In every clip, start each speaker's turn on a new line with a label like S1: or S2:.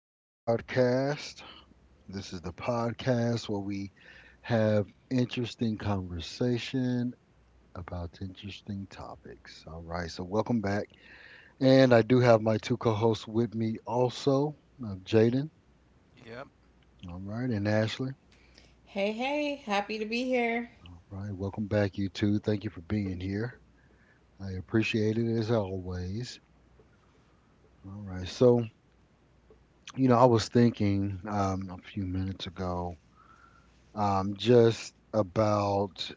S1: to the Rodcast. This is the podcast where we have interesting conversation about interesting topics. All right, so welcome back. And I do have my two co hosts with me also, Jaden,
S2: Yep.
S1: all right, and Ashley.
S3: Hey, hey, happy to be here.
S1: All right, welcome back, you two. Thank you for being here. I appreciate it as always. All right, so, I was thinking a few minutes ago just about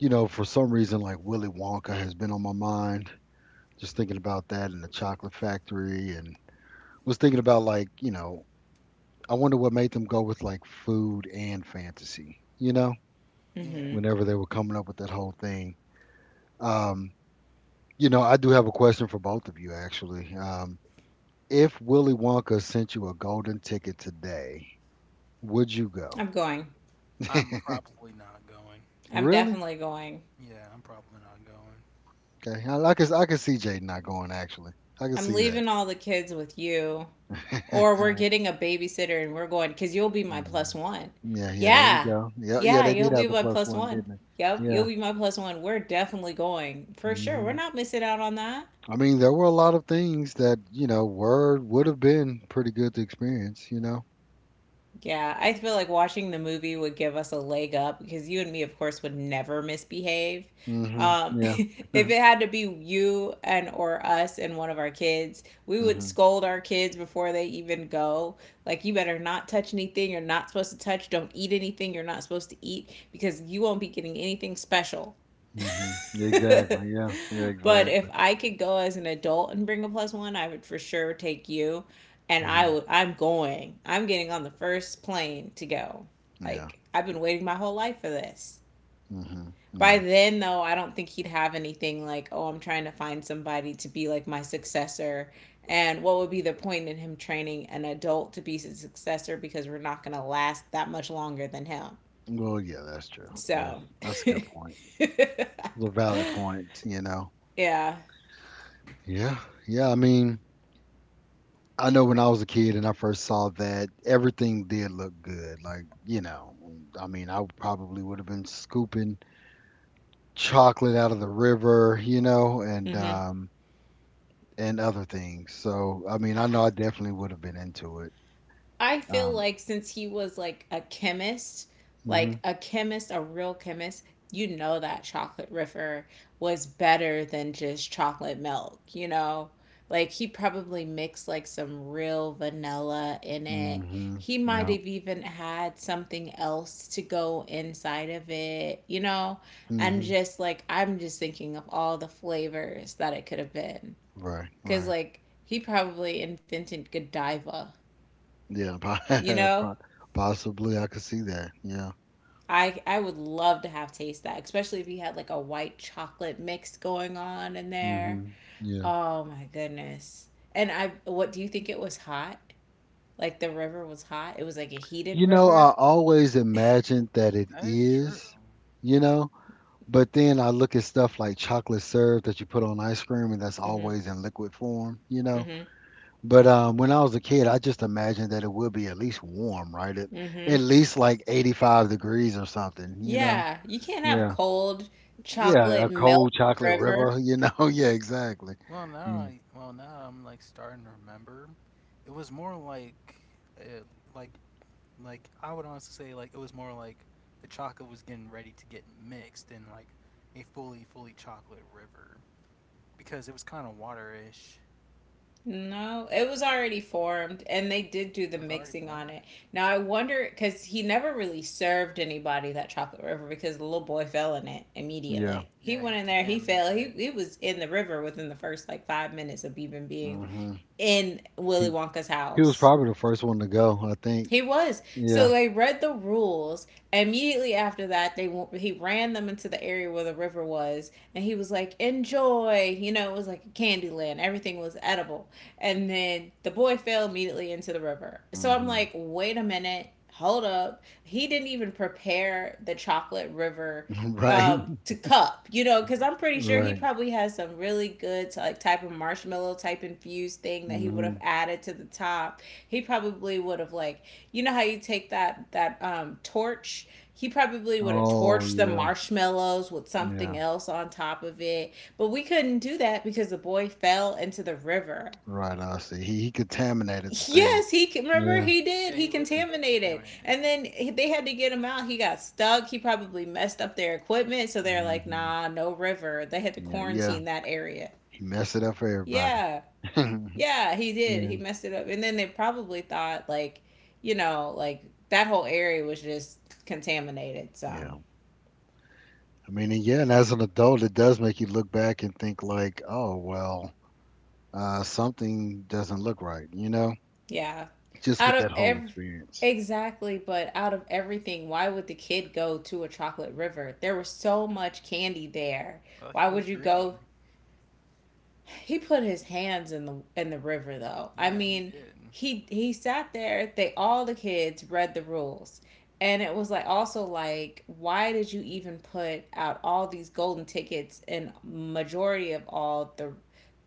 S1: for some reason, like Willy Wonka has been on my mind. Just thinking about that and the chocolate factory, and was thinking about like, I wonder what made them go with like food and fantasy,
S2: Yeah.
S3: Hmm.
S1: whenever they were coming up with that whole thing. Um, I do have a question for both of you actually. If Willy Wonka sent you a golden ticket today, would you go?
S3: I'm going.
S2: I'm probably not going.
S3: I'm
S1: Really?
S3: definitely going.
S2: Yeah, I'm probably not going.
S1: Okay, I can see Jaden not going actually. I can
S3: I'm
S1: see
S3: leaving all the kids with you, or we're
S1: that.
S3: getting a babysitter and we're going because you'll be my
S1: Mhm.
S3: plus one.
S1: Yeah, yeah, there we
S3: Yeah,
S1: go. Yeah, yeah,
S3: yeah,
S1: they
S3: you'll
S1: did have
S3: be
S1: the
S3: my
S1: plus
S3: plus
S1: one,
S3: one.
S1: didn't they?
S3: Yep,
S1: Yeah.
S3: you'll be my plus one. We're definitely going for sure. We're
S1: Hmm.
S3: not missing out on that.
S1: I mean, there were a lot of things that, you know, were would have been pretty good to experience.
S3: Yeah, I feel like watching the movie would give us a leg up because you and me, of course, would never misbehave.
S1: Hmm. Yeah.
S3: If it had to be you and or us and one of our kids, we would
S1: Hmm.
S3: scold our kids before they even go. Like, you better not touch anything you're not supposed to touch. Don't eat anything you're not supposed to eat because you won't be getting anything special.
S1: Hmm. Exactly. Yeah. Yeah,
S3: But if
S1: exactly.
S3: I could go as an adult and bring a plus one, I would for sure take you. And
S1: Hmm.
S3: I'm going. I'm getting on the first plane to go.
S1: Yeah.
S3: Like I've been waiting my whole life for this.
S1: Hmm.
S3: By
S1: Yeah.
S3: then though, I don't think he'd have anything like, "Oh, I'm trying to find somebody to be like my successor." And what would be the point in him training an adult to be his successor because we're not going to last that much longer than him.
S1: Well, yeah, that's true. That's
S3: So,
S1: that's a good point. The valid points.
S3: yeah.
S1: Yeah. Yeah, I mean, I know when I was a kid and I first saw that, everything did look good. Like, I mean, I probably would have been scooping chocolate out of the river, and
S3: Mhm.
S1: um and other things. So, I mean, I
S3: Ah.
S1: know I definitely would have been into it.
S3: I feel
S1: Um
S3: like since he was like a chemist,
S1: mhm.
S3: a real chemist, you know that chocolate riffer was better than just chocolate milk, you know? Like he probably mixed like some real vanilla in it.
S1: Mhm.
S3: He might
S1: Yeah.
S3: have even had something else to go inside of it, you know? And
S1: Mhm.
S3: just like I'm just thinking of all the flavors that it could have been.
S1: Right,
S3: Cause
S1: right.
S3: like he probably invented Godiva,
S1: Yeah,
S3: you know?
S1: possibly I could see that. Yeah.
S3: I would love to have taste that, especially if you had like a white chocolate mix going on in there.
S1: Mhm. Yeah.
S3: Oh my goodness. And I what do you think it was hot? Like the river was hot. It was like a heated
S1: You know, I
S3: river.
S1: always imagined that it
S2: That is true.
S1: is, you know, But then I look at stuff like chocolate syrup that you put on ice cream and that's
S3: Mhm.
S1: always in liquid form, you know.
S3: Mhm.
S1: But when I was a kid, I just imagined that it would be at least warm, right? At,
S3: Mhm.
S1: least like 85 degrees or something, you know.
S3: Yeah, you can't have
S1: Yeah.
S3: cold
S1: Yeah, a
S3: chocolate milk
S1: cold chocolate
S3: river.
S1: river. Yeah, exactly.
S2: Well, now
S1: Yeah.
S2: I well now I'm like starting to remember. It was more like uh, like I would honestly say like it was more like the chocolate was getting ready to get mixed in like a fully chocolate river because it was kind of waterish.
S3: No, it was already formed and they did do the
S2: It was already
S3: mixing
S2: formed.
S3: on it. Now I wonder cuz he never really served anybody that chocolate river because the little boy fell in it
S1: Yeah.
S3: immediately. He
S2: Yeah,
S3: went
S2: he
S3: in there, he fell.
S2: contaminated
S3: He
S2: it.
S3: he was in the river within the first like 5 minutes of even being
S1: Hmm.
S3: in Willy
S1: He
S3: Wonka's
S1: he was
S3: house.
S1: probably the first one to go, I think.
S3: He was. So
S1: Yeah.
S3: they read the rules. Immediately after that, they he ran them into the area where the river was, and he was like, "Enjoy." You know, it was like a candy land. Everything was edible. And then the boy fell immediately into the river. So I'm
S1: Hmm.
S3: like, "Wait a minute." Hold up. He didn't even prepare the chocolate river
S1: Right.
S3: to cup, you know, because I'm pretty sure he
S1: Right.
S3: probably has some really good like type of marshmallow type infused thing that he would have
S1: Hmm.
S3: added to the top. He probably would have like, you know how you take that torch, he probably would have
S1: Oh,
S3: torched the
S1: yeah.
S3: marshmallows with something
S1: Yeah.
S3: else on top of it, but we couldn't do that because the boy fell into the river.
S1: Right, I see. He contaminated the thing.
S3: Yes, he remember
S1: Yeah.
S3: he did.
S2: Yeah,
S3: He
S2: he literally did
S3: contaminated,
S2: contaminate it.
S3: and then they had to get him out. He got stuck. He probably messed up their equipment, so they're like,
S1: Mhm.
S3: "Nah, no river." They had to
S1: Yeah, yeah.
S3: quarantine that area.
S1: He messed it up for everybody.
S3: Yeah, yeah, he did.
S1: Yeah.
S3: He messed it up, and then they probably thought like, you know, like that whole area was just contaminated. So
S1: Yeah. I mean, and yeah, and as an adult, it does make you look back and think like, oh, well, something doesn't look right,
S3: yeah,
S1: just
S3: out
S1: with that
S3: of
S1: whole
S3: every
S1: experience.
S3: exactly, but out of everything, why would the kid go to a chocolate river? There was so much candy there.
S2: Well, he
S3: Why
S2: was
S3: would you go
S2: greedy.
S3: He put his hands in the river though. I
S2: Yeah, he
S3: mean,
S2: did.
S3: he sat there. They all the kids read the rules. And it was like also, like, why did you even put out all these golden tickets in majority of all the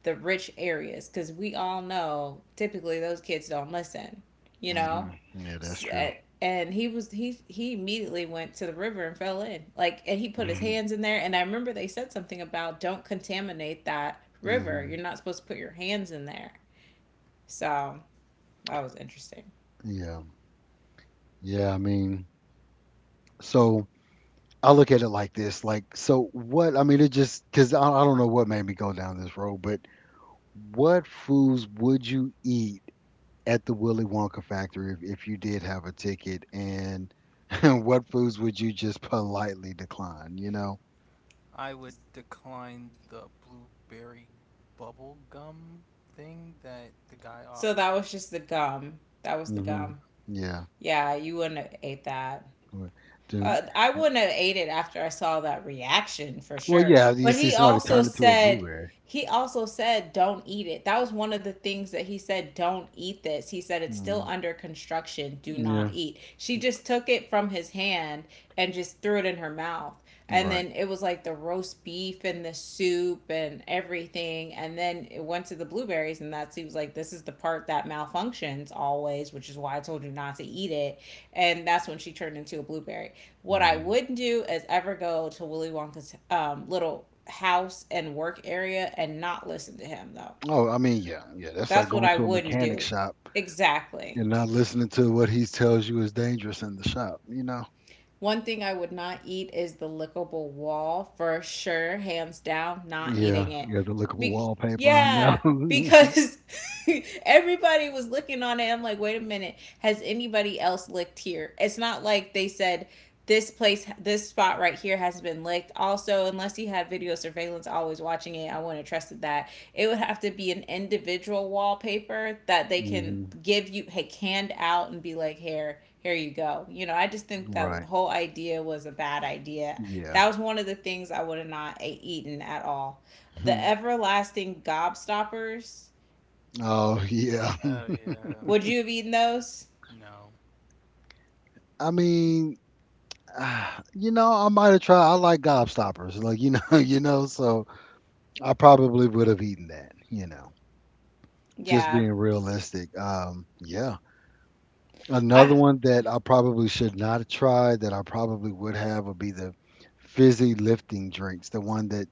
S3: the rich areas, cuz we all know typically those kids don't listen, you know?
S1: Hmm. Yeah, that's true.
S3: And he was he immediately went to the river and fell in, like, and he put his
S1: Hmm.
S3: hands in there and I remember they said something about don't contaminate that river,
S1: Hmm.
S3: you're not supposed to put your hands in there. So that was interesting.
S1: Yeah. Yeah. I mean, so I look at it like this, like, so what, I mean, it just, cause I don't know what made me go down this road, but what foods would you eat at the Willy Wonka factory if you did have a ticket, and what foods would you just politely decline? You know?
S2: I would decline the blueberry bubble gum thing that the guy
S3: So
S2: offered.
S3: that was the
S1: Hmm.
S3: gum.
S2: Yeah,
S1: Yeah.
S3: Yeah, you wouldn't have ate that.
S1: Well, do-
S3: I wouldn't have ate it after I saw that reaction for
S1: well,
S3: sure.
S1: yeah. You
S3: But
S1: see somebody turn into a blueberry.
S3: he also said, don't eat it. That was one of the things that he said, don't eat this. He said, it's still
S1: Hmm.
S3: under construction. Do not
S1: Yeah.
S3: eat. She just took it from his hand and just threw it in her mouth. And
S1: Right.
S3: then it was like the roast beef and the soup and everything. And then it went to the blueberries. And that seems like this is the part that malfunctions always, which is why I told you not to eat it. And that's when she turned into a blueberry. What I
S1: Hmm.
S3: wouldn't do is ever go to Willy Wonka's little house and work area and not listen to him, though.
S1: Oh, I mean, yeah, yeah. That's like
S3: That's what
S1: going
S3: I
S1: to a
S3: wouldn't
S1: mechanic
S3: do.
S1: shop
S3: Exactly.
S1: and not listening to what he tells you is dangerous in the shop. You know?
S3: One thing I would not eat is the lickable wall for sure, hands down,
S2: yeah, yeah.
S3: not
S1: Yeah.
S3: eating
S2: Yeah.
S3: it.
S1: Yeah. The lickable
S3: Be-
S1: wallpaper. I know.
S3: yeah, because everybody was looking on it. I'm like, wait a minute, has anybody else licked here? It's not like they said this place, this spot right here has been licked. Also, unless he had video surveillance always watching it, I wouldn't have trusted that. It would have to be an individual wallpaper that they can
S1: Hmm.
S3: give you. Hey, hand out and be like, here, here you go, you know. I just think that
S1: Right.
S3: whole idea was a bad idea.
S1: Yeah.
S3: That was one of the things I would have not eaten at all. The everlasting gobstoppers,
S1: Oh yeah.
S2: Oh yeah.
S3: would you have eaten those?
S2: No.
S1: I mean, I might have tried. I like gobstoppers, like you know. So I probably would have eaten that. You know, just
S3: Yeah,
S1: being realistic. Yeah. Another
S3: I
S1: one that I probably should not have tried that I probably would have would be the fizzy lifting drinks. The one that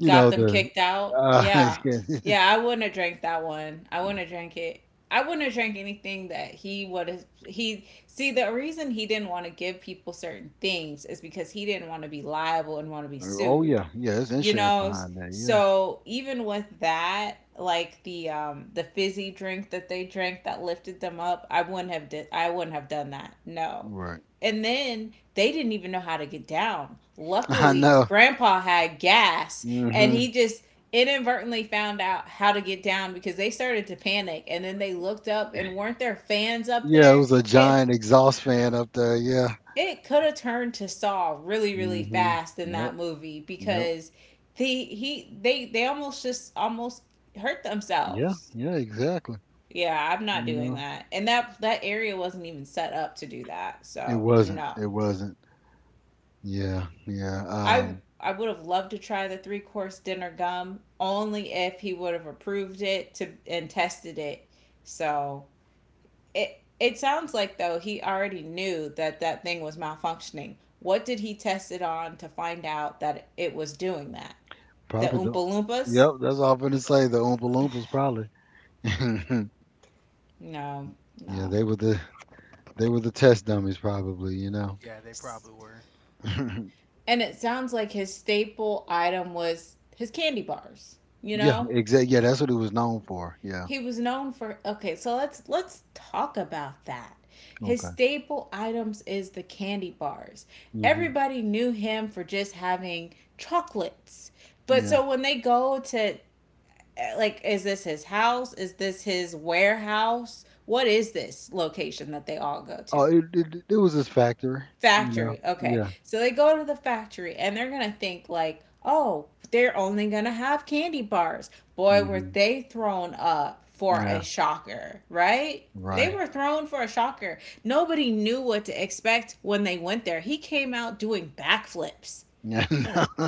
S1: you
S3: got
S1: know
S3: them
S1: the.
S3: kicked out. Yeah.
S1: Yeah.
S3: Yeah, I wouldn't have drank that one. I wouldn't have drank it. I wouldn't have drank anything that he would have. He, see, the reason he didn't want to give people certain things is because he didn't want to be liable and want to be
S1: Oh
S3: sued,
S1: yeah, yeah. There's
S3: you
S1: insurance
S3: know.
S1: behind that. Yeah.
S3: So even with that, like the fizzy drink that they drank that lifted them up, I wouldn't have done that, no.
S1: Right.
S3: And then they didn't even know how to get down,
S1: I
S3: luckily
S1: know.
S3: grandpa had gas, and
S1: Mm-hmm.
S3: he just inadvertently found out how to get down because they started to panic and then they looked up and weren't there fans up
S1: Yeah, it
S3: there.
S1: was a
S3: it
S1: giant exhaust fan
S2: Yeah.
S1: up there. Yeah.
S3: it could have turned to Saw really, really
S1: Hmm.
S3: fast in
S1: Yep.
S3: that movie
S1: Yep.
S3: because the he they almost just almost hurt
S1: Yeah.
S3: themselves.
S1: Yeah. Exactly.
S3: Yeah, I'm not
S1: You
S3: doing
S1: know,
S3: that. And that area wasn't even set up to do that.
S1: it
S3: So
S1: wasn't.
S3: no.
S1: It wasn't. Yeah. Yeah.
S3: I would have loved to try the three course dinner gum only if he would have approved it to and tested it. So It sounds like though he already knew that that thing was malfunctioning. What did he test it on to find out that it was doing that? The
S1: Probably
S3: Oompa
S1: the.
S3: Loompas?
S1: Yep. That's all I'm gonna say.
S2: Probably
S1: The
S2: some
S1: Oompa
S2: of
S1: Loompas
S2: those.
S1: probably. Yeah.
S3: No, no.
S1: They were the. They were the test dummies probably. You know.
S2: Yeah, they probably were.
S3: And it sounds like his staple item was his candy bars. You
S1: Yeah.
S3: know,
S1: Exactly. Yeah. That's what it was known for. Yeah.
S3: he was known for. Okay, so let's talk about that. His
S1: Okay.
S3: staple items is the candy bars.
S1: Hmm.
S3: Everybody knew him for just having chocolates. But
S1: Yeah.
S3: so when they go to, like, is this his house, is this his warehouse, what is this location that they all go to?
S1: Oh, it was his factory. You know.
S3: Factory, okay,
S1: Yeah.
S3: so they go to the factory and they're gonna think like, oh, they're only gonna have candy bars. Boy were
S1: Hmm.
S3: they thrown up for a
S1: Yeah.
S3: shocker, right? they
S2: Yeah.
S1: Right.
S3: were thrown for a shocker Nobody knew what to expect when they went there. He came out doing backflips.
S1: Yeah, no.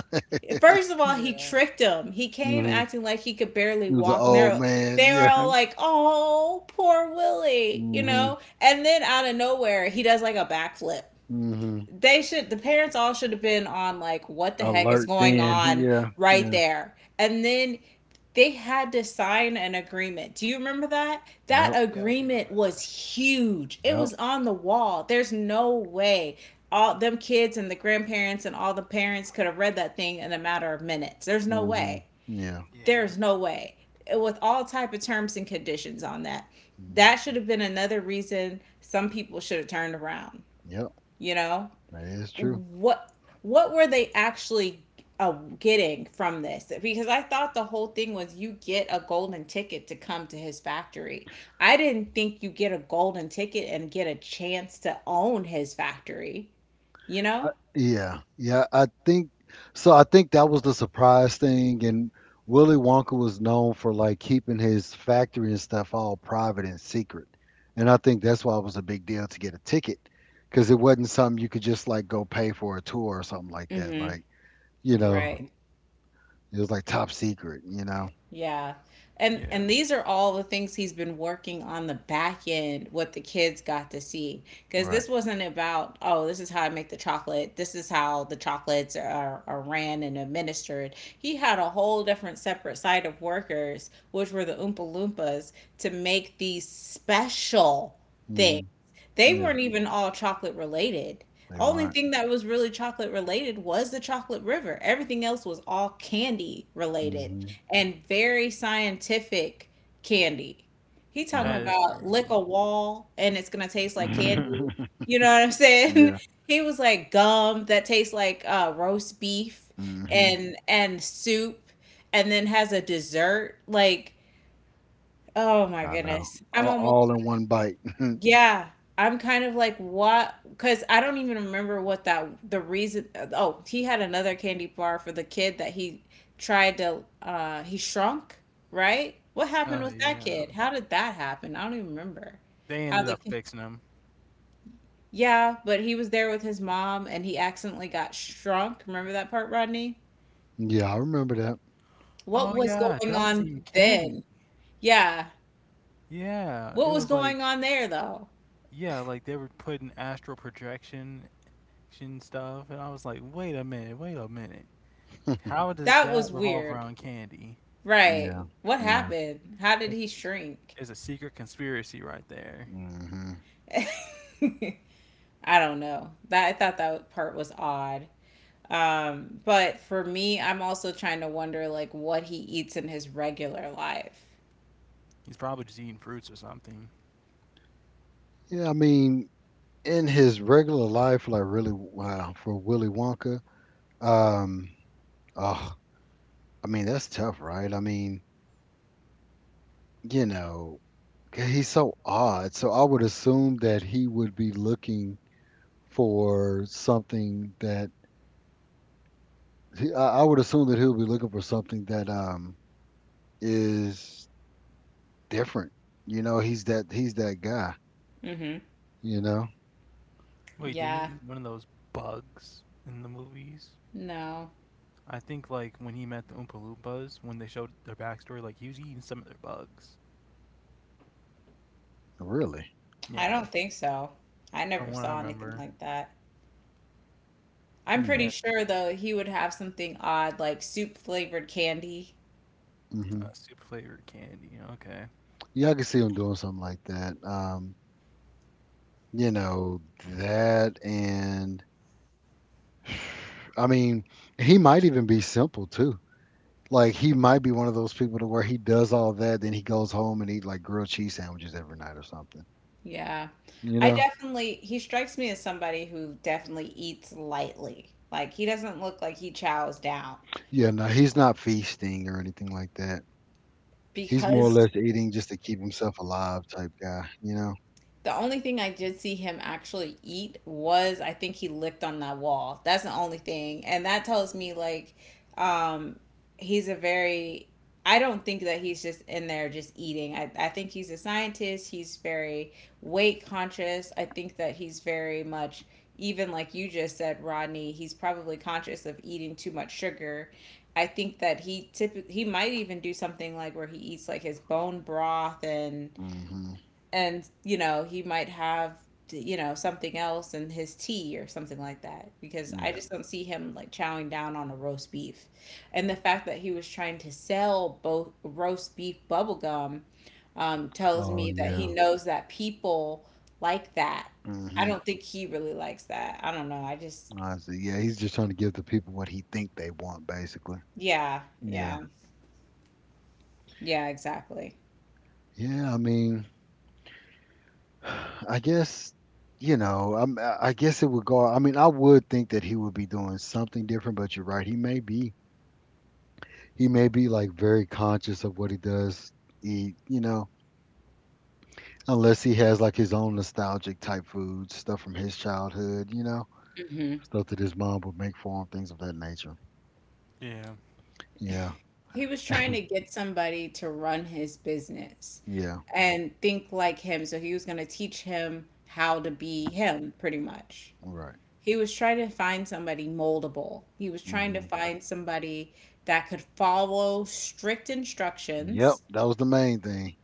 S3: First of all, he
S2: Yeah.
S3: tricked him. He came
S1: Mhm.
S3: acting like he could barely
S1: He was an
S3: walk, and
S1: old
S3: they're
S1: man,
S3: they were
S1: yeah.
S3: all like, "Oh, poor Willie," you
S1: Mhm,
S3: know. And then out of nowhere, he does like a backflip.
S1: mhm.
S3: They, should the parents, all should have been on like, what the heck is
S1: Alert
S3: going
S1: then,
S3: on,
S1: yeah,
S3: right
S1: yeah.
S3: there and then. They had to sign an agreement. Do you remember that? That
S1: Yep,
S2: Yeah, I do
S3: agreement
S2: remember
S3: was
S2: that.
S3: huge. It
S1: yep.
S3: was on the wall. There's no way all them kids and the grandparents and all the parents could have read that thing in a matter of minutes. There's no
S1: Mhm.
S3: way.
S1: Yeah.
S2: Yeah.
S3: There's no way, with all type of terms and conditions on that. That
S1: Mm.
S3: should have been another reason some people should have turned around,
S1: Yep,
S3: you know.
S1: that is true.
S3: what what were they actually, uh, getting from this? Because I thought the whole thing was you get a golden ticket to come to his factory. I didn't think you get a golden ticket and get a chance to own his factory, you
S1: I
S3: know?
S2: Oh
S1: Yeah,
S2: yeah, that
S1: yeah,
S2: is
S1: I
S2: true.
S1: think so I think that was the surprise thing, and Willy Wonka was known for, like, keeping his factory and stuff all private and secret, and I think that's why it was a big deal to get a ticket, because it wasn't something you could just, like, go pay for a tour or something like that,
S3: Mhm.
S1: like You know,
S3: Right.
S1: it was like top secret, you know?
S3: Yeah. And
S2: Yeah,
S3: and these are all the things he's been working on the back end, what the kids got to see, cuz
S1: Right.
S3: this wasn't about, oh, this is how I make the chocolate. This is how the chocolates are ran and administered. He had a whole different separate side of workers, which were the Oompa Loompas, to make these special things.
S1: Hmm.
S3: They
S1: Yeah,
S3: weren't even all chocolate related.
S1: they
S3: Only
S1: weren't.
S3: thing that was really chocolate related was the chocolate river. Everything else was all candy related
S1: Hmm.
S3: and very scientific candy. He talking
S2: that
S1: Right.
S2: is
S3: about lick
S2: true.
S3: a wall and it's gonna taste like candy. You know what I'm saying?
S1: Yeah.
S3: He was like, gum that tastes like roast beef
S1: Hmm.
S3: and soup, and then has a dessert like, oh my
S1: I know.
S3: goodness. I'm
S1: All,
S3: almost,
S1: all in one bite.
S3: yeah, I'm kind of like, what? Because I don't even remember what that the reason. Oh, he had another candy bar for the kid that he tried to he shrunk, right? What happened
S2: Oh
S3: with that
S2: yeah.
S3: kid? How did that happen? I don't even remember.
S2: They
S3: How
S2: ended
S3: the
S2: up
S3: kid.
S2: fixing them.
S3: Yeah, but he was there with his mom and he accidentally got shrunk. Remember that part, Rodney?
S1: Yeah, I remember that.
S3: What
S2: Oh
S3: was
S2: yeah,
S3: going
S2: that wasn't
S3: on
S2: even candy.
S3: then? Yeah.
S2: Yeah,
S3: What
S2: it
S3: was
S2: was
S3: going
S2: like
S3: on there though?
S2: they were putting astral projection action stuff, and I was like, wait a minute. How does
S3: That
S2: that
S3: was
S2: revolve
S3: weird.
S2: around candy?
S3: Right.
S1: Yeah.
S3: What
S1: Yeah.
S3: happened? How did he
S2: It's,
S3: shrink?
S2: it's a secret conspiracy right there.
S1: Hmm.
S3: I don't know. That, I thought that part was odd. But for me, I'm also trying to wonder like what he eats in his regular life.
S2: He's probably just eating fruits or something.
S1: Yeah, I mean, in his regular life, like really, wow, for Willy Wonka, um, oh, I mean, that's tough, right? I mean, you know, 'cause he's so odd. So I would assume that he would be looking for something that I would assume that he'll be looking for something that is different. You know, he's that guy.
S3: Mm-hmm.
S1: You know,
S2: Wait, didn't he
S3: Yeah.
S2: eat one of those bugs in the movies?
S3: No,
S2: I think like when he met the Oompa Loompas, when they showed their backstory, like he was eating some of their bugs.
S1: really.
S3: I
S2: Yeah,
S3: don't think so. I
S2: from
S3: never
S2: what I
S3: saw anything
S2: remember.
S3: like that. I'm
S1: Hmm.
S3: pretty
S2: Yeah,
S3: sure though, he would have something odd like soup flavored candy.
S1: Hmm.
S2: super flavored candy. Okay.
S1: Yeah, I can see him doing something like that. You know that, and I mean, he might even be simple too. Like he might be one of those people to where he does all that, then he goes home and eat like grilled cheese sandwiches every night or something.
S3: Yeah.
S1: You
S3: I
S1: know,
S3: definitely, he strikes me as somebody who definitely eats lightly. Like he doesn't look like he chows down
S1: Yeah, no, he's not feasting or anything like that. He's more
S2: Yeah.
S1: or
S3: because
S1: less eating just to keep himself alive type guy, you know?
S3: the only thing I did see him actually eat was, I think he licked on that wall. That's the only thing. And that tells me like, um he's a very, I don't think that he's just in there just eating. I think he's a scientist. He's very weight conscious. I think that he's very much, even like you just said, Rodney, he's probably conscious of eating too much sugar. I think that he typically, he might even do something like where he eats like his bone broth, and
S1: Hmm.
S3: you know, he might have something else in his tea or something like that, because I
S1: Yeah.
S3: just don't see him like chowing down on a roast beef, and the fact that he was trying to sell both roast beef bubblegum, tells
S1: Oh
S3: me that he
S1: yeah.
S3: knows that people like that. I
S1: Hmm.
S3: don't think he really likes that. I don't know. I just,
S1: Honestly, yeah, he's just trying to give the people what he think they want, basically.
S3: yeah,
S1: Yeah.
S3: yeah, yeah, exactly.
S1: Yeah, I mean, I guess, I guess it would go. I mean, I would think that he would be doing something different, but you're right. He may be like very conscious of what he does eat, you know? Unless he has like his own nostalgic type foods, stuff from his childhood, stuff that his mom would make for him, things of that nature.
S2: Yeah.
S1: Yeah,
S3: He was trying to get somebody to run his business
S1: yeah,
S3: and think like him. So he was going to teach him how to be him, pretty much.
S1: right.
S3: He was trying to find somebody moldable. He was trying to
S1: Hmm.
S3: find somebody that could follow strict
S1: Yep,
S3: instructions,
S1: that was the main thing.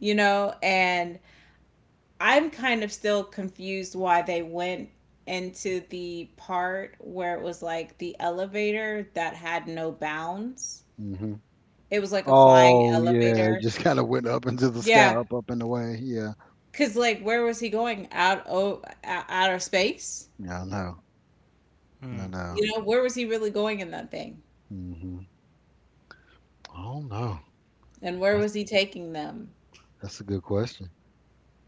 S3: you know, and I'm kind of still confused why they went into the part where it was like the elevator that had no bounds.
S1: Hmm.
S3: It was like a flying
S1: Oh yeah, it
S3: elevator.
S1: just kind of went up into the sky,
S3: Yeah.
S1: up, up and away. Yeah,
S3: Cause like, where was he going out? Oh, outer space.
S1: yeah, I know,
S2: Hmm.
S1: I know.
S3: You know, where was he really going in that thing?
S1: Hmm. I don't know.
S3: And where
S1: That's
S3: was he taking them?
S1: that's a good question.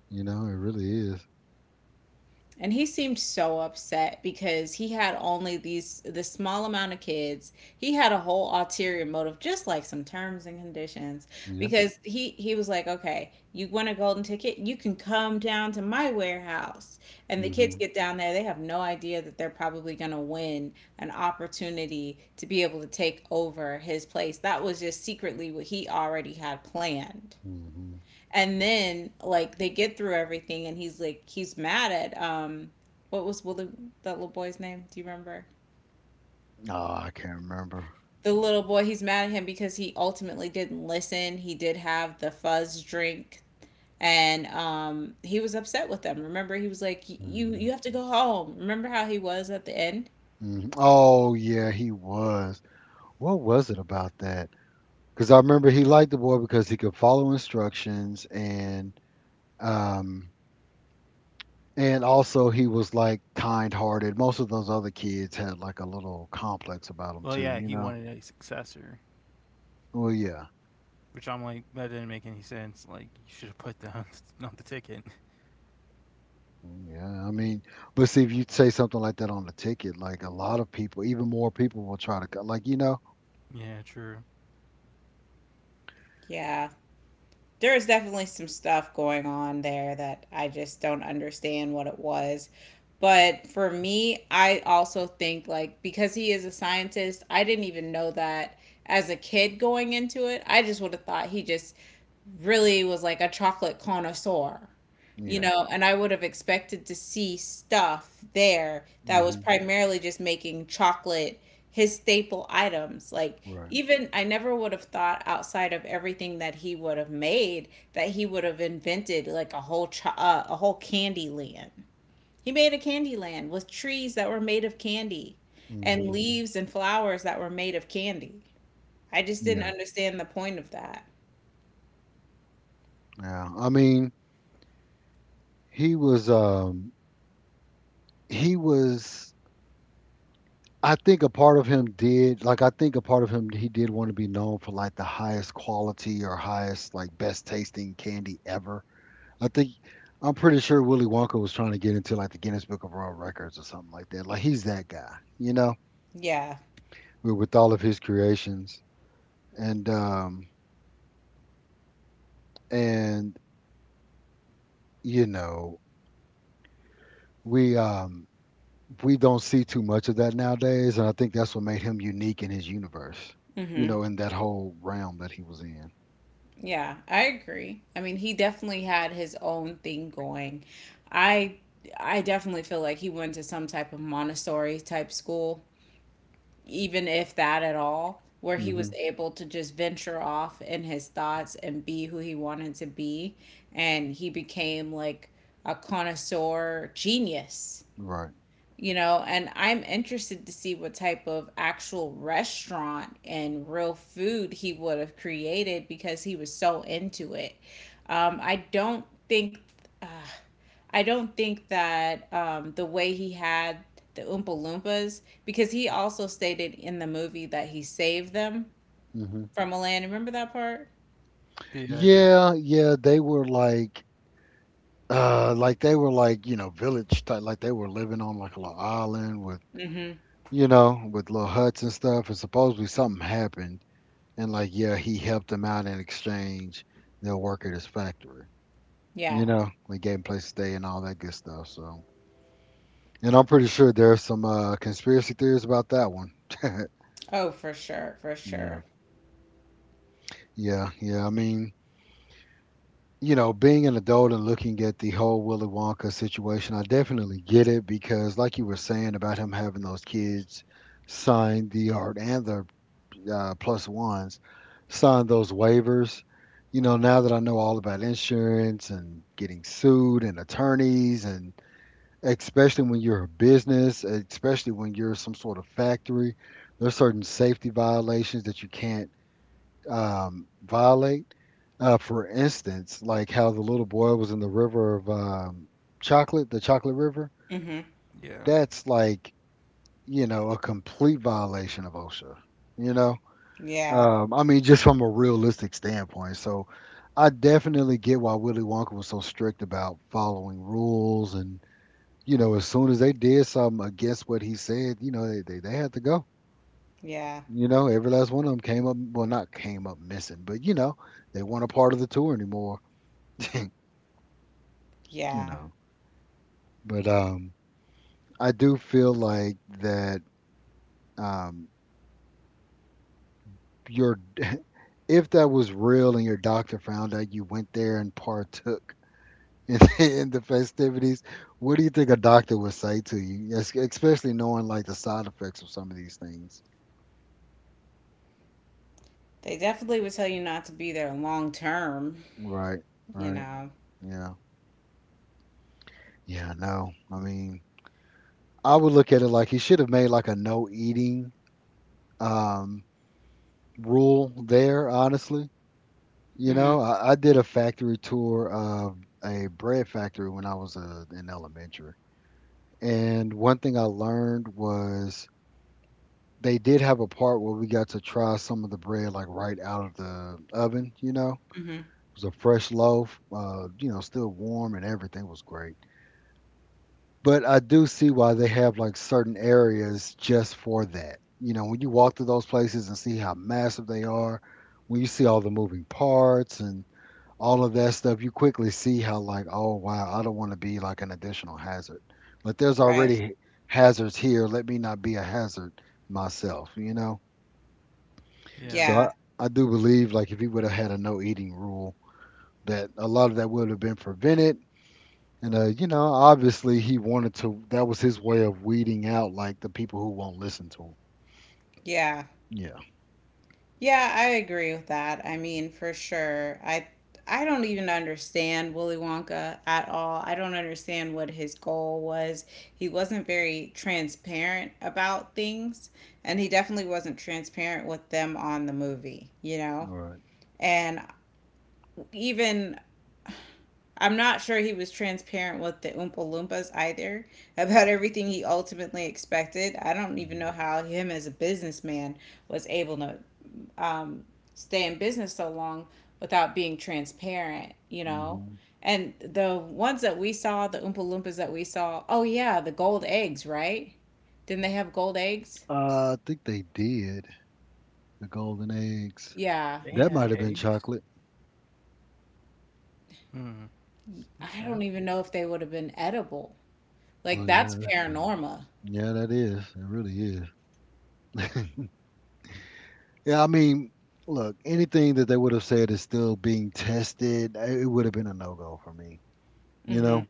S1: You know, it really is.
S3: And he seemed so upset because he had only these, the small amount of kids. He had a whole ulterior motive, just like some terms and conditions.
S1: Yeah.
S3: Because he was like, okay, you want a golden ticket? You can come down to my warehouse. And the kids
S1: Hmm.
S3: get down there, they have no idea that they're probably gonna win an opportunity to be able to take over his place. That was just secretly what he already had planned.
S1: Hmm.
S3: And then like, they get through everything, and he's like, he's mad at, what was Willie, that little boy's name? Do you remember?
S1: Oh, I can't remember.
S3: The little boy, he's mad at him because he ultimately didn't listen. He did have the fuzz drink, and he was upset with them. Remember, he was like, you
S1: Hmm.
S3: have to go home. Remember how he was at the end?
S1: Hmm. Oh yeah, he was. What was it about that? Because I remember he liked the boy because he could follow instructions and um and also he was like kind-hearted. Most of those other kids had like a little complex about them
S2: Well,
S1: too,
S2: yeah,
S1: you
S2: he
S1: know.
S2: wanted a successor,
S1: Well, yeah.
S2: which I'm like, that didn't make any sense. Like, you should have put that on the ticket.
S1: Mm, yeah, I mean, but see if you say something like that on the ticket, like a lot of people, even more people will try to like, you know.
S2: Yeah, true.
S3: Yeah. There was definitely some stuff going on there that I just don't understand what it was. But for me, I also think like, because he is a scientist, I didn't even know that as a kid going into it. I just would have thought he just really was like a chocolate connoisseur, you
S1: Yeah.
S3: know, and I would have expected to see stuff there that was
S1: Hmm.
S3: primarily just making chocolate, his staple items. Like,
S1: Right.
S3: even I never would have thought outside of everything that he would have made, that he would have invented like a whole a whole candy land. He made a candy land with trees that were made of candy, and
S1: Hmm.
S3: leaves and flowers that were made of candy. I just didn't
S1: Yeah.
S3: understand the point of that.
S1: Yeah. I mean, he was um he was I think a part of him did like I think a part of him he did want to be known for like the highest quality or highest like best tasting candy ever. I think I'm pretty sure Willy Wonka was trying to get into like the Guinness Book of World Records or something like that. Like he's that guy, you know,
S3: Yeah.
S1: with all of his creations. And and you know, we um we don't see too much of that nowadays and I think that's what made him unique in his universe, you
S3: Mm-hmm.
S1: know, in that whole realm that he was in.
S3: Yeah, I agree. I mean, he definitely had his own thing going. I I definitely feel like he went to some type of Montessori type school, even if that at all, where he was
S1: Mhm.
S3: able to just venture off in his thoughts and be who he wanted to be, and he became like a connoisseur genius,
S1: Right.
S3: you know, and I'm interested to see what type of actual restaurant and real food he would have created, because he was so into it. um, i don't think uh, I don't think that the way he had the Oompa Loompas, because he also stated in the movie that he saved them
S1: Hmm.
S3: from a land, remember that part?
S2: Yeah, I do.
S1: Yeah, yeah, they were like they were like, village type, like they were living on like a little island with,
S3: Mm-hmm.
S1: with little huts and stuff. And supposedly something happened, and like, yeah, he helped them out in exchange. They'll work at his factory, you
S3: Yeah.
S1: know, we gave him place to stay and all that good stuff. So, and I'm pretty sure there's some conspiracy theories about that one.
S3: Oh, for sure, for
S1: Yeah,
S3: sure.
S1: yeah, yeah. I mean. Being an adult and looking at the whole Willy Wonka situation, I definitely get it because, like you were saying about him having those kids sign the art and the plus ones, sign those waivers. You know, now that I know all about insurance and getting sued and attorneys, and especially when you're a business, especially when you're some sort of factory, there's certain safety violations that you can't violate. For instance, like how the little boy was in the river of chocolate, the chocolate river.
S3: Mm-hmm.
S2: Yeah.
S1: That's like you know a complete violation of OSHA. You know,
S3: Yeah,
S1: I mean, just from a realistic standpoint. So I definitely get why Willy Wonka was so strict about following rules, and you know, as soon as they did something against what he said, you know, they had to go.
S3: yeah,
S1: You know, every last one of them came up, well, not came up missing, but you know, they weren't a part of the tour anymore you
S3: yeah.
S1: know but I do feel like that um your if that was real and your doctor found out you went there and partook in, in the festivities, what do you think a doctor would say to you? Especially knowing like the side effects of some of these things.
S3: They definitely would tell you not to be there long term,
S1: Right,
S3: you
S1: right.
S3: know.
S1: Yeah, yeah, no, I mean, I would look at it like he should have made like a no eating um rule there, honestly. You
S3: Hmm.
S1: know, I, I did a factory tour of a bread factory when I was in elementary. And one thing I learned was they did have a part where we got to try some of the bread like right out of the oven, you know.
S3: Hmm.
S1: It was a fresh loaf, you know, still warm and everything was great. But I do see why they have like certain areas just for that. You know, when you walk through those places and see how massive they are, when you see all the moving parts and all of that stuff, you quickly see how like, oh wow, I don't want to be like an additional hazard. Like there's
S3: Right.
S1: already hazards here. Let me not be a hazard myself, you know?
S2: Yeah.
S1: So
S3: Yeah.
S1: I do believe like if he would have had a no eating rule, that a lot of that would have been prevented. And you know, obviously he wanted to, that was his way of weeding out like the people who won't listen to him.
S3: Yeah.
S1: Yeah.
S3: Yeah, I agree with that. I mean, for sure. I don't even understand Willy Wonka at all. I don't understand what his goal was. He wasn't very transparent about things, and he definitely wasn't transparent with them on the movie, you know?
S1: All right.
S3: And even, I'm not sure he was transparent with the Oompa Loompas either about everything he ultimately expected. I don't even
S1: Mm-hmm.
S3: know how him as a businessman was able to stay in business so long without being transparent, you know?
S1: Mm-hmm.
S3: And the ones that we saw, the Oompa Loompas that we saw, oh yeah, the gold eggs, right? Didn't they have gold eggs?
S1: Uh, I think they did the golden eggs.
S3: Yeah.
S2: They
S1: That
S2: had
S1: might have been
S2: eggs.
S1: chocolate.
S2: Hmm.
S3: I
S2: Okay.
S3: don't even know if they would have been edible. Like,
S1: Well, yeah,
S3: that's
S1: that's true.
S3: paranormal.
S1: Yeah, that is. It really is. Yeah, I mean, look, anything that they would have said is still being tested, eh, it would have been a no go for me. You
S3: Hmm.
S1: know,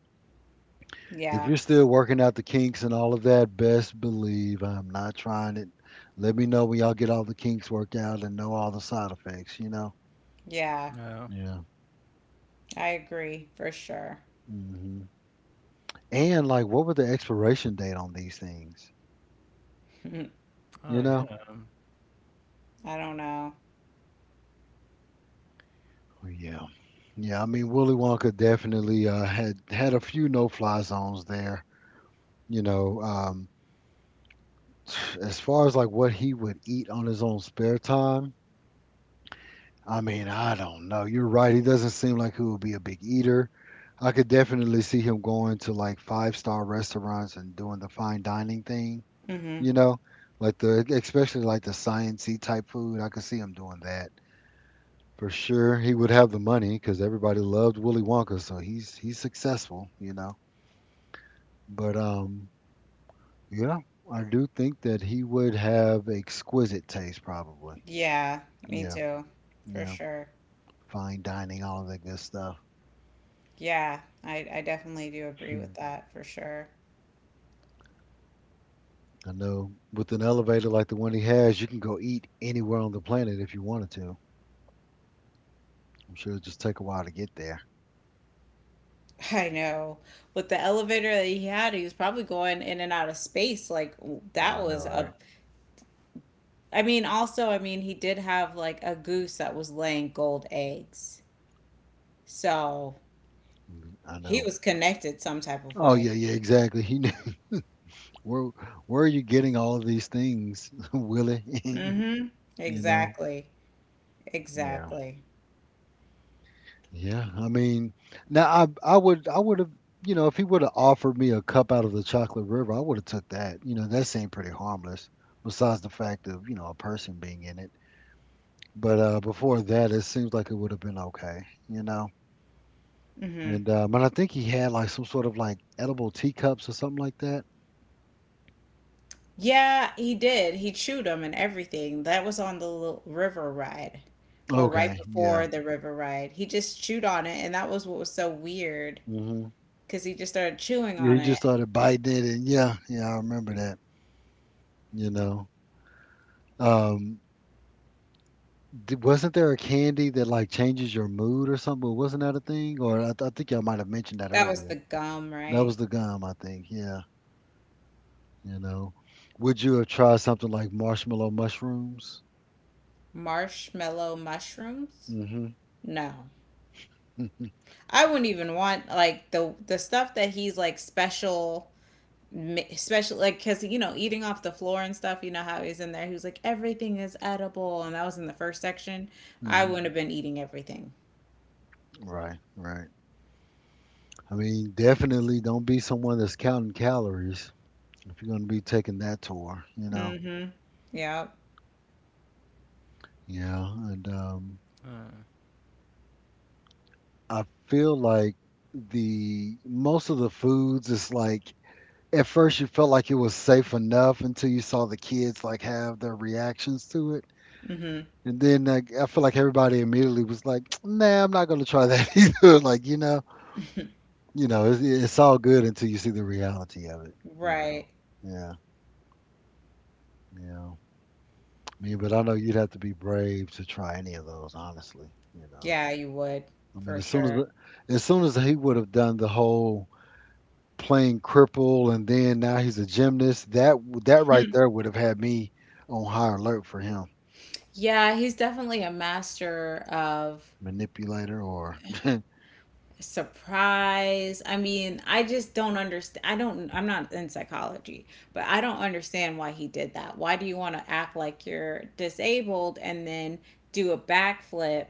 S1: if
S3: Yeah.
S1: you're still working out the kinks and all of that, best believe I'm not trying it. Let me know when y'all get all the kinks worked out and know all the side effects, you know?
S3: Yeah.
S2: No.
S1: Yeah.
S3: I agree for sure.
S1: Hmm. And, like, what was the expiration date on these things?
S3: Mm,
S2: Oh,
S1: You know?
S2: yeah.
S3: I don't know.
S1: Oh, yeah. Yeah, I mean Willy Wonka definitely had a few no-fly zones there. You know, as far as like what he would eat on his own spare time, I mean, I don't know. You're right. He doesn't seem like he would be a big eater. I could definitely see him going to like five-star restaurants and doing the fine dining thing,
S3: Hmm.
S1: you know, like the especially like the science-y type food. I could see him doing that. For sure, he would have the money because everybody loved Willy Wonka, so he's successful, you know. But yeah, I do think that he would have exquisite taste, probably.
S3: Yeah, me
S1: Yeah,
S3: too, for
S1: yeah,
S3: sure.
S1: fine dining, all of that good stuff.
S3: Yeah, I definitely do agree with
S1: Hmm.
S3: that for sure.
S1: I know with an elevator like the one he has, you can go eat anywhere on the planet if you wanted to. I'm sure it'll just take a while to get there.
S3: I know. With the elevator that he had, he was probably going in and out of space. Like, that
S1: I
S3: was
S1: know,
S3: a.
S1: right?
S3: I mean, also, I mean, he did have like a goose that was laying gold eggs. So
S1: Mhm, I
S3: he
S1: know.
S3: was connected some type of
S1: Oh
S3: way.
S1: yeah, yeah, exactly. He knew where where are you getting all of these things, Willie?
S3: Mm-hmm.
S1: You know?
S3: Exactly.
S1: Yeah.
S3: Exactly.
S1: Yeah, I mean, now I would I would have, you know, if he would have offered me a cup out of the chocolate river, I would have took that. You know that seemed pretty harmless, besides the fact of you know a person being in it. But before that, it seems like it would have been okay. You know,
S3: Mm-hmm.
S1: and I think he had like some sort of like edible teacups or something like that.
S3: Yeah, he did. He chewed him and everything. That was on the river ride, or right
S1: Okay, yeah.
S3: before the river ride. He just chewed on it, and that was what was so weird,
S1: Hmm.
S3: because he just started chewing
S1: Yeah.
S3: on
S1: He
S3: it.
S1: just started biting it, and yeah, yeah, I remember that. You know, um, wasn't there a candy that like changes your mood or something? Wasn't that a thing? Or I think y'all might have mentioned that
S3: That was
S1: earlier.
S3: the gum,
S1: That was
S3: right?
S1: the gum, I think. Yeah, you know. Would you have tried something like marshmallow mushrooms?
S3: Marshmallow mushrooms?
S1: Mm-hmm.
S3: No. I wouldn't even want like the stuff that he's like, special, special, like, because you know, eating off the floor and stuff, you know how he's in there, he was like, everything is edible, and that was in the first section. I
S1: Mm-hmm.
S3: wouldn't have been eating everything.
S1: Right, right. I mean, definitely don't be someone that's counting calories if you're going to be taking that tour, you know.
S3: Mm-hmm. Yeah.
S1: Yeah, and
S2: Uh,
S1: I feel like the most of the foods is like, at first, you felt like it was safe enough until you saw the kids like have their reactions to it,
S3: Mm-hmm.
S1: and then like, I feel like everybody immediately was like, "Nah, I'm not gonna try that either." Like you know, it's all good until you see the reality of it. You know,
S3: Right.
S1: yeah, yeah. I mean, but I know you'd have to be brave to try any of those, honestly. You know,
S3: Yeah, you would,
S1: I mean,
S3: for
S1: as soon as
S3: sure.
S1: as soon as he would have done the whole playing cripple and then now he's a gymnast, that right there would have had me on high alert for him.
S3: Yeah, he's definitely a master of
S1: Manipulator or
S3: surprise. I mean, I just don't understand. I'm not in psychology, but I don't understand why he did that. Why do you want to act like you're disabled and then do a backflip?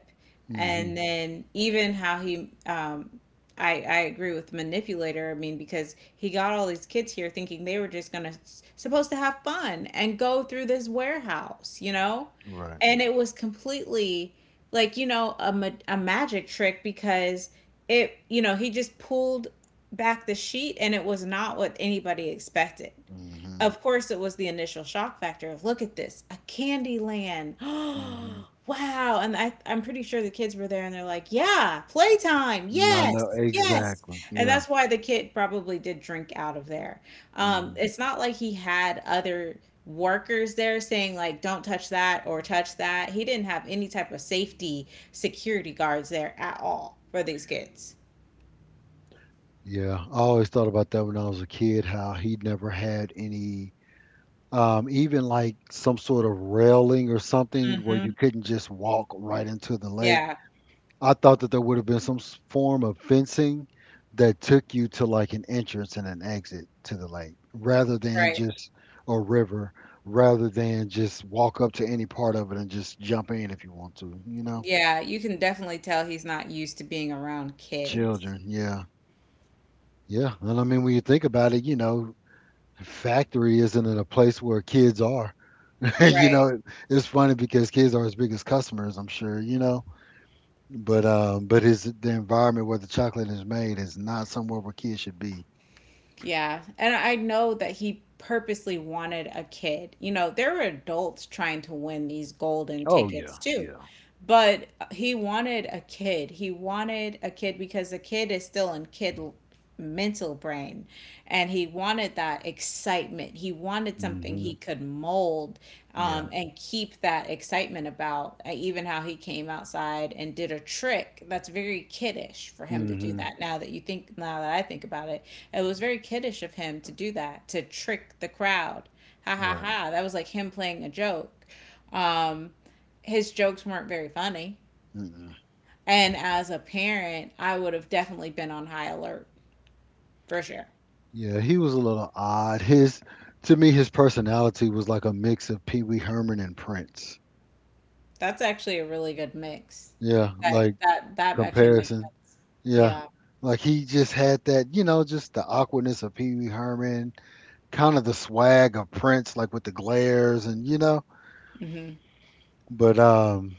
S3: And
S1: hmm
S3: then even how he, I agree with manipulator. I mean, because he got all these kids here thinking they were just gonna supposed to have fun and go through this warehouse, you know,
S1: right
S3: and it was completely like, a a magic trick, because it you know he just pulled back the sheet and it was not what anybody expected.
S1: hmm
S3: Of course it was the initial shock factor of, look at this, a Candyland,
S1: hmm
S3: wow. And I'm pretty sure the kids were there and they're like, yeah, playtime,
S1: I know,
S3: yes, yes.
S1: exactly,
S3: And
S1: yeah.
S3: that's why the kid probably did drink out of there.
S1: Hmm.
S3: It's not like he had other workers there saying like, don't touch that or touch that. He didn't have any type of safety security guards there at all for these kids.
S1: Yeah, I always thought about that when I was a kid, how he never had any even like some sort of railing or something where
S3: Hmm.
S1: you couldn't just walk right into the lake.
S3: Yeah,
S1: I thought that there would have been some form of fencing that took you to like an entrance and an exit to the lake rather than
S3: right.
S1: just a river, rather than just walk up to any part of it and just jump in if you want to, you know?
S3: Yeah, you can definitely tell he's not used to being around kids.
S1: Children, yeah. Yeah. And I mean, when you think about it, you know, factory isn't in a place where kids are. You
S3: Right.
S1: know, it, it's funny because kids are his biggest customers, I'm sure, you know? But his the environment where the chocolate is made is not somewhere where kids should be.
S3: Yeah. And I know that he purposely wanted a kid. You know, there were adults trying to win these golden
S1: Oh
S3: tickets
S1: yeah,
S3: too,
S1: yeah.
S3: but he wanted a kid. He wanted a kid because a kid is still in kid mental brain, and he wanted that excitement. He wanted something he
S1: Mhm.
S3: could mold
S1: Yeah.
S3: and keep that excitement about. Even how he came outside and did a trick, that's very kiddish for him to do.
S1: Mhm.
S3: That, now that I think about it, it was very kiddish of him to do that, to trick the crowd. Ha ha
S1: Right.
S3: ha, that was like him playing a joke. Um, his jokes weren't very funny.
S1: Mm-mm.
S3: And as a parent, I would have definitely been on high alert, for sure.
S1: Yeah, he was a little odd. His, to me his personality was like a mix of Pee-wee Herman and Prince.
S3: That's actually a really good mix.
S1: Yeah,
S3: That
S1: like
S3: that that actually makes
S1: comparison.
S3: sense.
S1: Yeah.
S3: Yeah.
S1: Like he just had that, you know, just the awkwardness of Pee Wee Herman, kind of the swag of Prince, like with the glares and you know.
S3: Hmm.
S1: But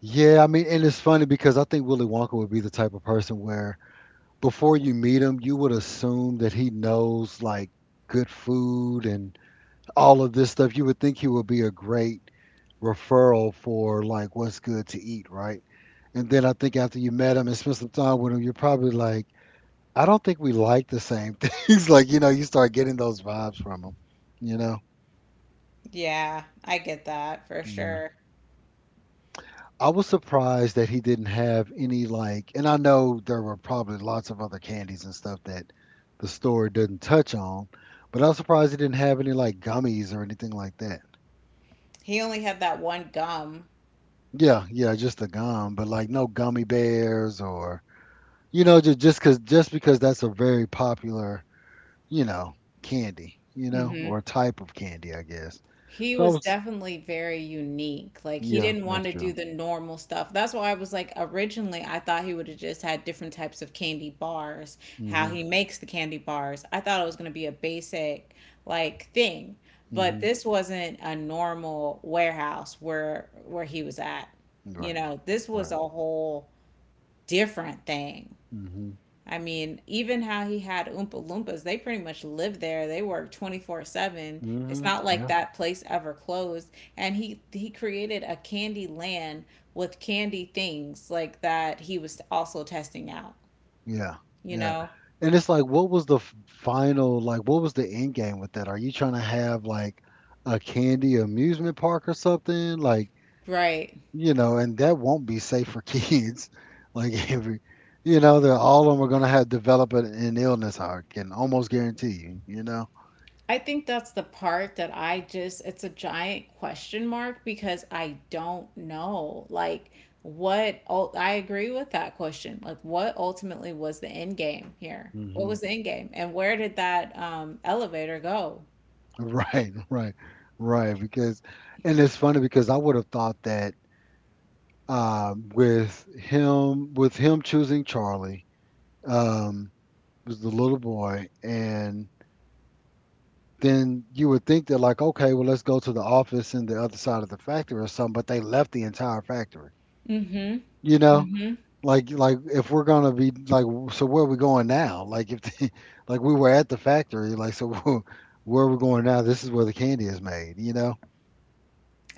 S1: yeah, I mean, and it's funny because I think Willy Wonka would be the type of person where before you meet him, you would assume that he knows like good food and all of this stuff. You would think he would be a great referral for like what's good to eat, right? And then I think after you met him and spent some time with him, you're probably like, I don't think we like the same things. Like, you know, you start getting those vibes from him, you know?
S3: Yeah, I get that for
S1: Yeah.
S3: sure.
S1: I was surprised that he didn't have any like, and I know there were probably lots of other candies and stuff that the store didn't touch on, but I was surprised he didn't have any like gummies or anything like that.
S3: He only had that one gum.
S1: Yeah, yeah, just the gum, but like no gummy bears or you know just because that's a very popular you know candy you know
S3: Mm-hmm.
S1: or type of candy I guess.
S3: He
S1: So I
S3: was
S1: was
S3: definitely very unique. Like, he
S1: yeah,
S3: didn't want
S1: that's
S3: to
S1: true.
S3: do the normal stuff. That's why I was like, originally I thought he would have just had different types of candy bars, how
S1: Mhm,
S3: he makes the candy bars. I thought it was going to be a basic like thing, but
S1: mhm.
S3: this wasn't a normal warehouse where he was at. You
S1: Right,
S3: know, this was a
S1: right.
S3: whole different thing.
S1: Mhm,
S3: I mean, even how he had Oompa Loompas, they pretty much lived there. They worked 24/7. It's
S1: mhm.
S3: not like that place ever closed. And he created a candy land with candy things like that he was also testing out,
S1: Yeah,
S3: you
S1: yeah.
S3: know?
S1: And it's like, what was the final, like, what was the end game with that? Are you trying to have like a candy amusement park or something? Like,
S3: Right.
S1: you know, and that won't be safe for kids. Like every, you know, they're all of them are gonna have develop an illness. I can almost guarantee you. You know.
S3: I think that's the part that I just, it's a giant question mark because I don't know. Like, what, I agree with that question. Like, what ultimately was the end game here? What
S1: Hmm.
S3: was the end game? And where did that elevator go?
S1: Right, right, right. Because, and it's funny because I would have thought that with him choosing Charlie. um, was the little boy, and then you would think that like okay well let's go to the office in the other side of the factory or something but they left the entire factory,
S3: Mm-hmm.
S1: you know,
S3: Mm-hmm.
S1: like if we're gonna be like, so where are we going now, like if they, like we were at the factory like so where are we going now, this is where the candy is made, you know.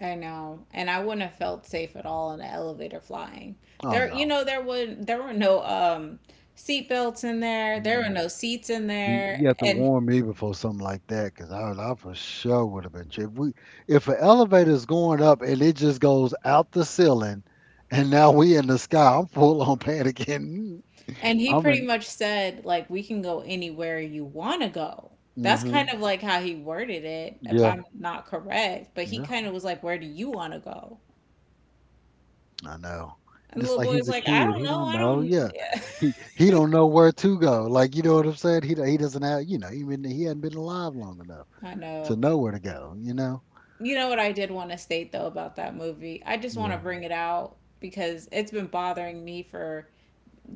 S3: I know. And I wouldn't have felt safe at all in an elevator flying.
S1: Oh
S3: There, you
S1: no.
S3: know, there were no seat belts in there. There were no seats in
S1: You,
S3: there.
S1: you have to
S3: And
S1: warn me before something like that, cause I for sure would have been tripped. We, if an elevator is going up and it just goes out the ceiling, and now we in the sky, I'm full on panicking.
S3: And he
S1: I'm
S3: pretty
S1: in.
S3: much said, like, we can go anywhere you want to go. That's kind
S1: Hmm.
S3: of like how he worded it, if
S1: Yeah,
S3: I'm not correct. But he
S1: yeah,
S3: kind of was like, where do you want to go?
S1: I know.
S3: And
S1: And
S3: the
S1: it's
S3: little
S1: like
S3: boy was
S1: he's a
S3: like, I
S1: kid.
S3: don't
S1: He
S3: know.
S1: don't
S3: I
S1: know.
S3: don't.
S1: Yeah, he don't know where to go. Like you know what I'm saying. He doesn't have. You know, he hadn't been alive long enough
S3: I
S1: to
S3: know.
S1: know where to go. You know.
S3: You know what I did want to state, though, about that movie? I just want to
S1: Well,
S3: bring it out because it's been bothering me for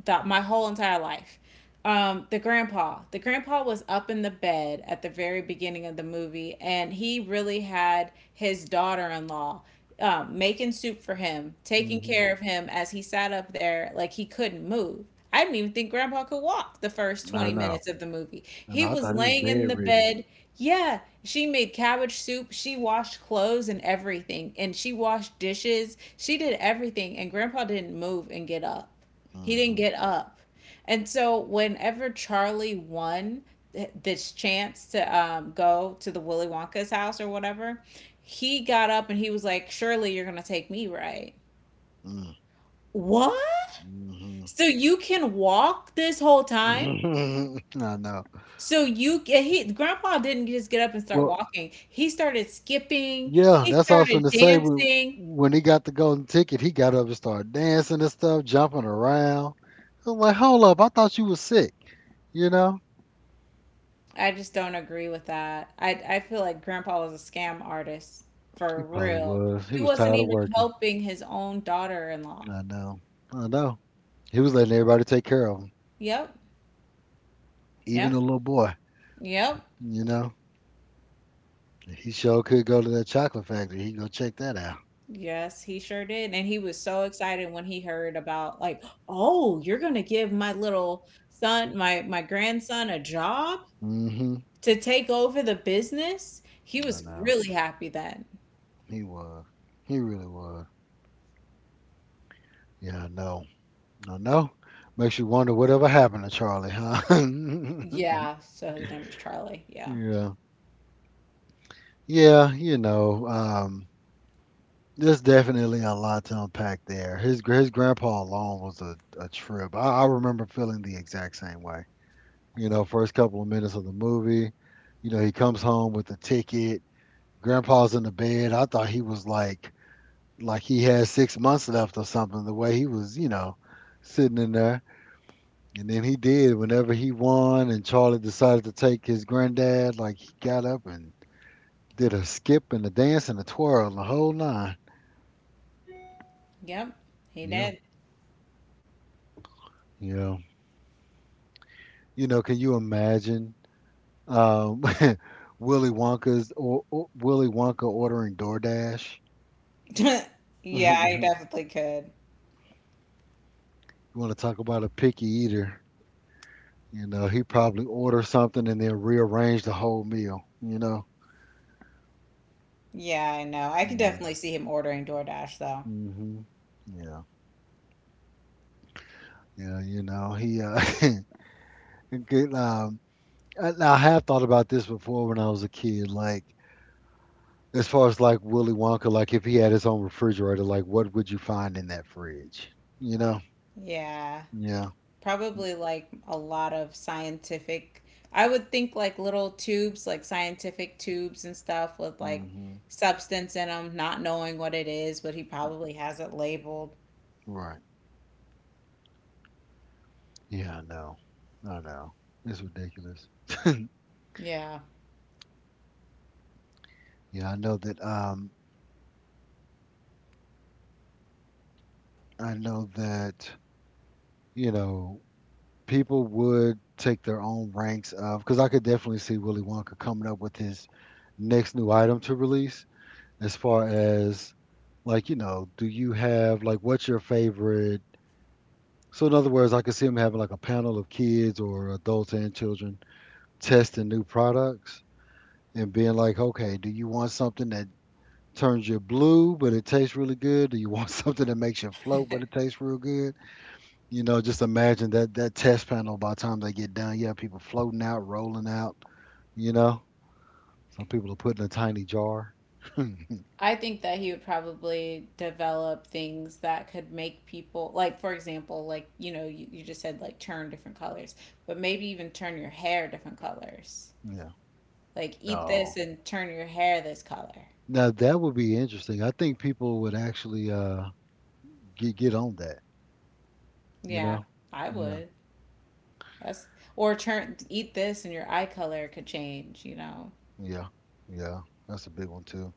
S3: that my whole entire life. The grandpa. The grandpa was up in the bed at the very beginning of the movie, and he really had his daughter in law making soup for him, taking
S1: hmm,
S3: care of him as he sat up there like he couldn't move. I didn't even think grandpa could walk the first
S1: I
S3: 20
S1: know.
S3: minutes of the movie.
S1: And
S3: He
S1: I thought
S3: was
S1: it was
S3: laying in the
S1: bedridden.
S3: bed. Yeah, she made cabbage soup. She washed clothes and everything. And she washed dishes. She did everything. And grandpa didn't move and get up. He didn't
S1: Mm-hmm.
S3: get up. And so whenever Charlie won this chance to go to the Willy Wonka's house or whatever, he got up and he was like, "Surely you're gonna take me, right?"
S1: Mm,
S3: What?
S1: mhm.
S3: So you can walk this whole time?
S1: I know.
S3: So you get he grandpa didn't just get up and start
S1: Well,
S3: walking. He started skipping,
S1: yeah,
S3: he
S1: that's all I was going
S3: started
S1: to say. When,
S3: dancing.
S1: when he got the golden ticket, he got up and started dancing and stuff, jumping around. I was like, hold up, I thought you was sick. You know,
S3: I just don't agree with that. I feel like Grandpa was a scam artist,
S1: he
S3: for
S1: probably
S3: real.
S1: was. He
S3: He
S1: was
S3: wasn't
S1: tired of
S3: even
S1: working.
S3: helping his own daughter-in-law.
S1: I know. I know. He was letting everybody take care of him,
S3: Yep.
S1: even
S3: Yep.
S1: the little boy.
S3: Yep.
S1: You know, he sure could go to that chocolate factory. He go check that out.
S3: Yes, he sure did. And he was so excited when he heard about like, "Oh, you're going to give my little son, my grandson a job
S1: Hmm.
S3: to take over the business?" He
S1: I
S3: was
S1: know.
S3: really happy then.
S1: He was. He really was. Yeah, I know. I know. Makes you wonder whatever happened to Charlie, huh?
S3: Yeah, so his name was Charlie. Yeah.
S1: Yeah. Yeah, you know, there's definitely a lot to unpack there. His grandpa alone was a trip. I remember feeling the exact same way. You know, first couple of minutes of the movie, you know, he comes home with the ticket. Grandpa's in the bed. I thought he was like he had 6 months left or something. The way he was, you know, sitting in there. And then he did whenever he won, and Charlie decided to take his granddad. Like he got up and did a skip and a dance and a twirl and the whole nine.
S3: Yep. He
S1: Yeah,
S3: did.
S1: yeah. You know, can you imagine um, Willy Wonka's or, Willy Wonka ordering DoorDash?
S3: Yeah, I
S1: You
S3: definitely could.
S1: want to talk about a picky eater? You know, he probably ordered something and then rearranged the whole meal. You know.
S3: Yeah, I know. I can
S1: Mm-hmm.
S3: definitely see him ordering DoorDash though.
S1: Mm-hmm. Yeah. Yeah. You know, he good, I, now I have thought about this before when I was a kid. Like as far as like Willy Wonka, like if he had his own refrigerator, like what would you find in that fridge? You know?
S3: Yeah.
S1: Yeah.
S3: Probably like a lot of scientific, I would think like little tubes, like scientific tubes and stuff with like
S1: Hmm.
S3: substance in them, not knowing what it is, but he probably has it labeled.
S1: Right. Yeah, I know. I know. It's ridiculous.
S3: Yeah.
S1: Yeah, I know that. I know that. You know, people would take their own ranks of because I could definitely see Willy Wonka coming up with his next new item to release as far as like, you know, do you have like what's your favorite? So in other words, I could see them having like a panel of kids or adults and children testing new products and being like, okay, do you want something that turns you blue but it tastes really good? Do you want something that makes you float but it tastes real good? You know, just imagine that that test panel, by the time they get done, you have people floating out, rolling out, you know, some people are put in a tiny jar.
S3: I think that he would probably develop things that could make people, like, for example, like, you know, you just said like turn different colors, but maybe even turn your hair different colors.
S1: Yeah,
S3: Like eat this
S1: no.
S3: and turn your hair this color.
S1: Now that would be interesting. I think people would actually get on that, you
S3: Yeah,
S1: know?
S3: I
S1: Yeah,
S3: would. That's or turn eat this and your eye color could change, you know.
S1: yeah, yeah. That's a big one too.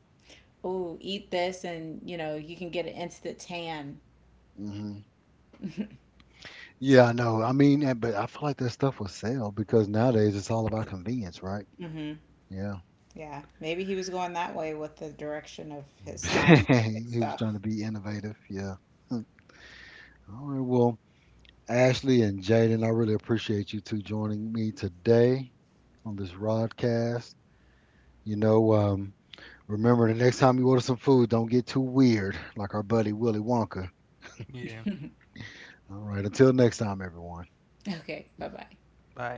S3: Oh, eat this and, you know, you can get an instant tan.
S1: Hmm. Yeah, I know. I mean, but I feel like that stuff will sell because nowadays it's all about convenience, right? Yeah.
S3: Yeah, maybe he was going that way with the direction of his scientific
S1: He was trying
S3: stuff.
S1: to be innovative. Yeah. All right. Well, Ashley and Jaden, I really appreciate you two joining me today on this broadcast. You know, remember, the next time you order some food, don't get too weird, like our buddy Willy Wonka.
S2: yeah.
S1: All right, until next time, everyone.
S3: Okay, bye-bye.
S2: Bye.